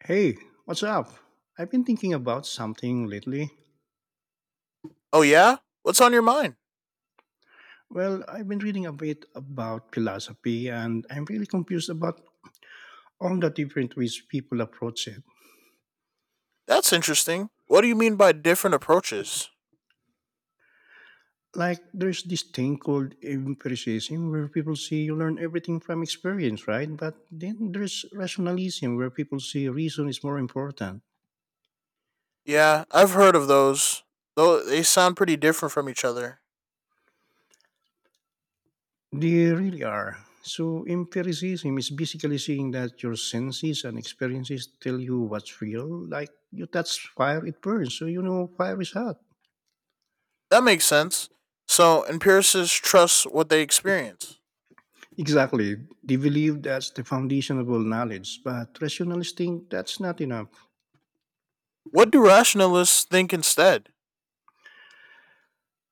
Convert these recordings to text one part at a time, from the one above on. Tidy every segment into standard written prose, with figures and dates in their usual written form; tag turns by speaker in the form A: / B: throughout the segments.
A: Hey, what's up? I've been thinking about something lately.
B: Oh, yeah? What's on your mind?
A: Well, I've been reading a bit about philosophy and I'm really confused about all the different ways people approach it.
B: That's interesting. What do you mean by different approaches?
A: Like, there's this thing called empiricism where people say you learn everything from experience, right? But then there's rationalism where people say reason is more important.
B: Yeah, I've heard of those, though they sound pretty different from each other.
A: They really are. So, empiricism is basically saying that your senses and experiences tell you what's real. Like you touch fire, it burns. So, you know, fire is hot.
B: That makes sense. So, empiricists trust what they experience.
A: Exactly. They believe that's the foundation of all knowledge. But rationalists think that's not enough.
B: What do rationalists think instead?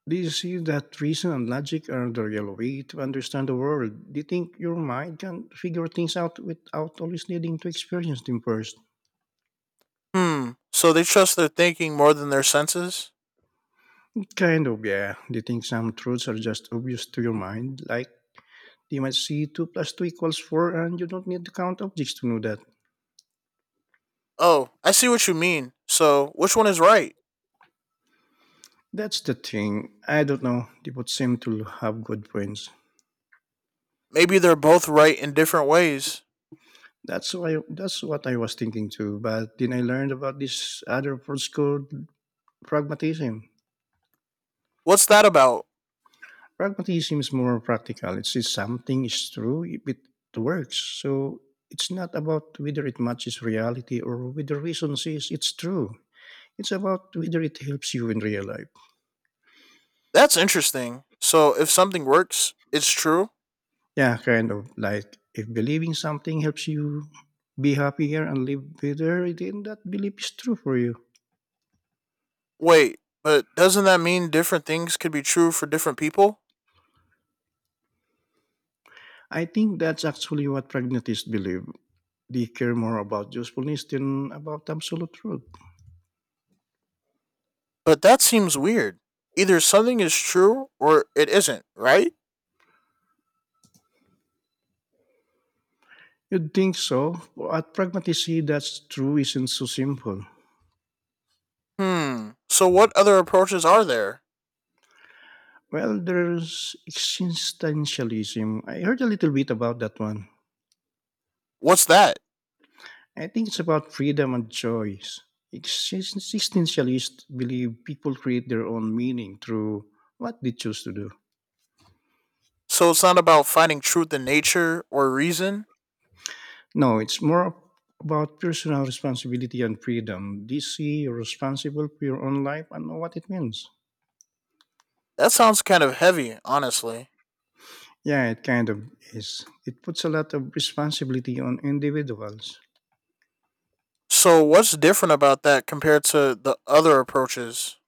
A: They see that reason and logic are the real way to understand the world. They think your mind can figure things out without always needing to experience them first.
B: Hmm, so they trust their thinking more than their senses?
A: Kind of, yeah. They think some truths are just obvious to your mind, like they might see 2 plus 2 equals 4 and you don't need to count objects to know that.
B: Oh, I see what you mean. So, which one is right?
A: That's the thing. I don't know. They both seem to have good brains.
B: Maybe they're both right in different ways.
A: That's why that's what I was thinking too. But then I learned about this other approach called pragmatism.
B: What's that about?
A: Pragmatism is more practical. It says something is true if it works. So it's not about whether it matches reality or whether reason says it's true. It's about whether it helps you in real life.
B: That's interesting. So, if something works, it's true?
A: Yeah, kind of like if believing something helps you be happier and live better, then that belief is true for you.
B: Wait, but doesn't that mean different things could be true for different people?
A: I think that's actually what pragmatists believe. They care more about usefulness than about absolute truth.
B: But that seems weird. Either something is true or it isn't, right?
A: You'd think so, but pragmatists see that's true isn't so simple.
B: Hmm. So what other approaches are there?
A: Well, there's existentialism. I heard a little bit about that one.
B: What's that?
A: I think it's about freedom and choice. Existentialists believe people create their own meaning through what they choose to do.
B: So it's not about finding truth in nature or reason?
A: No, it's more about personal responsibility and freedom. Do you see you're responsible for your own life and know what it means?
B: That sounds kind of heavy, honestly.
A: Yeah, it kind of is. It puts a lot of responsibility on individuals.
B: So what's different about that compared to the other approaches?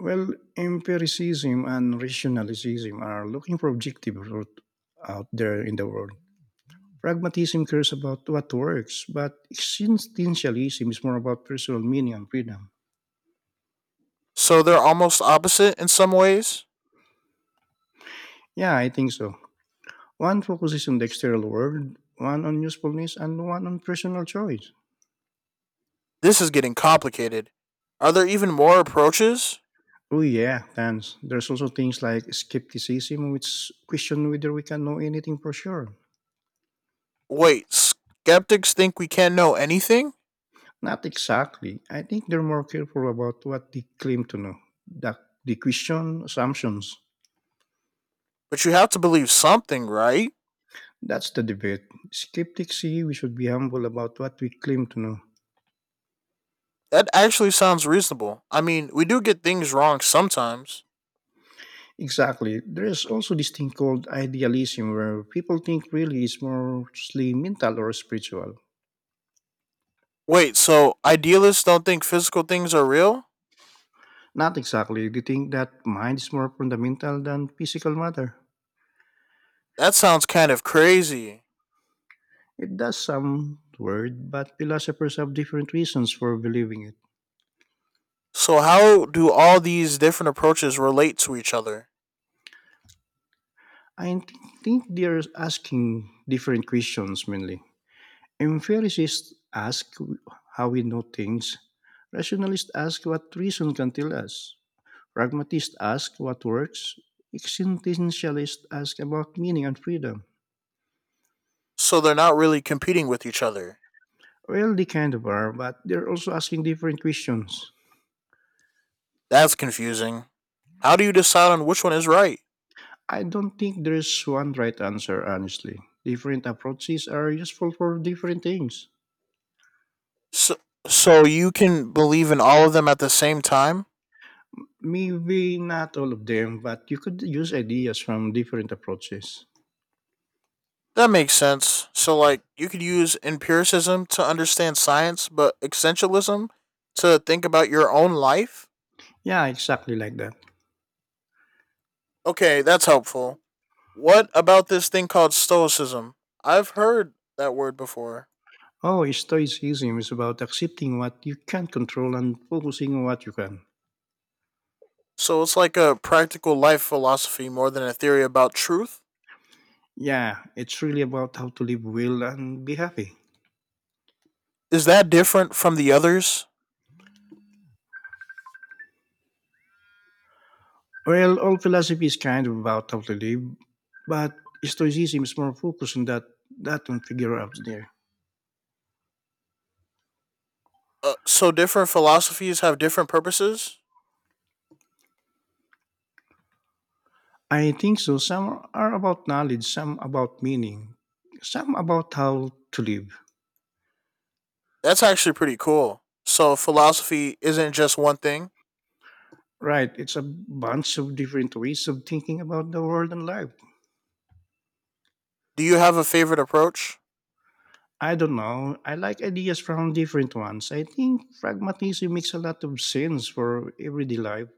A: Well, empiricism and rationalism are looking for objective truth out there in the world. Pragmatism cares about what works, but existentialism is more about personal meaning and freedom.
B: So they're almost opposite in some ways?
A: Yeah, I think so. One focuses on the external world, one on usefulness, and one on personal choice.
B: This is getting complicated. Are there even more approaches?
A: Oh yeah, thanks. There's also things like skepticism, which question whether we can know anything for sure.
B: Wait, skeptics think we can't know anything?
A: Not exactly. I think they're more careful about what they claim to know. The, the question assumptions.
B: But you have to believe something, right?
A: That's the debate. Skeptics see we should be humble about what we claim to know.
B: That actually sounds reasonable. I mean, we do get things wrong sometimes.
A: Exactly. There is also this thing called idealism where people think really is mostly mental or spiritual.
B: Wait, so idealists don't think physical things are real?
A: Not exactly. They think that mind is more fundamental than physical matter.
B: That sounds kind of crazy.
A: It does sound weird, but philosophers have different reasons for believing it.
B: So, how do all these different approaches relate to each other?
A: I think they're asking different questions mainly. Empiricists ask how we know things. Rationalists ask what reason can tell us. Pragmatists ask what works, existentialists ask about meaning and freedom.
B: So, they're not really competing with each other.
A: Well, they kind of are, but they're also asking different questions.
B: That's confusing. How do you decide on which one is right?
A: I don't think there's one right answer, honestly. Different approaches are useful for different things.
B: So, so you can believe in all of them at the same time?
A: Maybe not all of them, but you could use ideas from different approaches.
B: That makes sense. So, like, you could use empiricism to understand science, but essentialism to think about your own life?
A: Yeah, exactly like that.
B: Okay, that's helpful. What about this thing called Stoicism? I've heard that word before.
A: Oh, Stoicism is about accepting what you can't control and focusing on what you can.
B: So, it's like a practical life philosophy more than a theory about truth?
A: Yeah, it's really about how to live well and be happy.
B: Is that different from the others?
A: Well, all philosophy is kind of about how to live, but Stoicism is more focused on that on figure out there.
B: So, different philosophies have different purposes?
A: I think so. Some are about knowledge, some about meaning, some about how to live.
B: That's actually pretty cool. So, philosophy isn't just one thing.
A: Right? It's a bunch of different ways of thinking about the world and life.
B: Do you have a favorite approach?
A: I don't know. I like ideas from different ones. I think pragmatism makes a lot of sense for everyday life.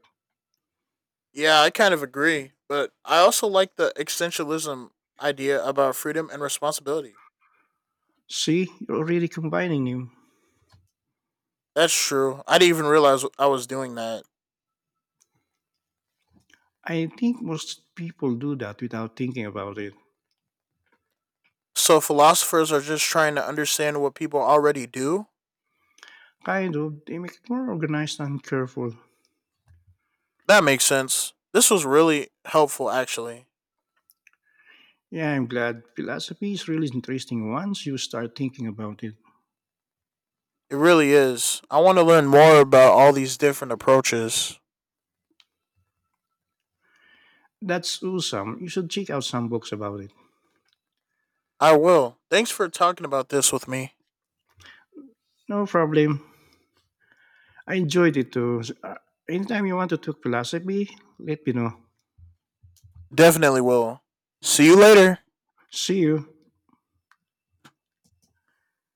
B: Yeah, I kind of agree, but I also like the existentialism idea about freedom and responsibility.
A: See, you're already combining them.
B: That's true. I didn't even realize I was doing that.
A: I think most people do that without thinking about it.
B: So philosophers are just trying to understand what people already do.
A: Kind of. They make it more organized and careful.
B: That makes sense. This was really helpful actually.
A: Yeah, I'm glad. Philosophy is really interesting once you start thinking about it.
B: It really is. I want to learn more about all these different approaches.
A: That's awesome. You should check out some books about it.
B: I will. Thanks for talking about this with me.
A: No problem. I enjoyed it too. Anytime you want to talk philosophy, let me know.
B: Definitely will. See you later.
A: See you.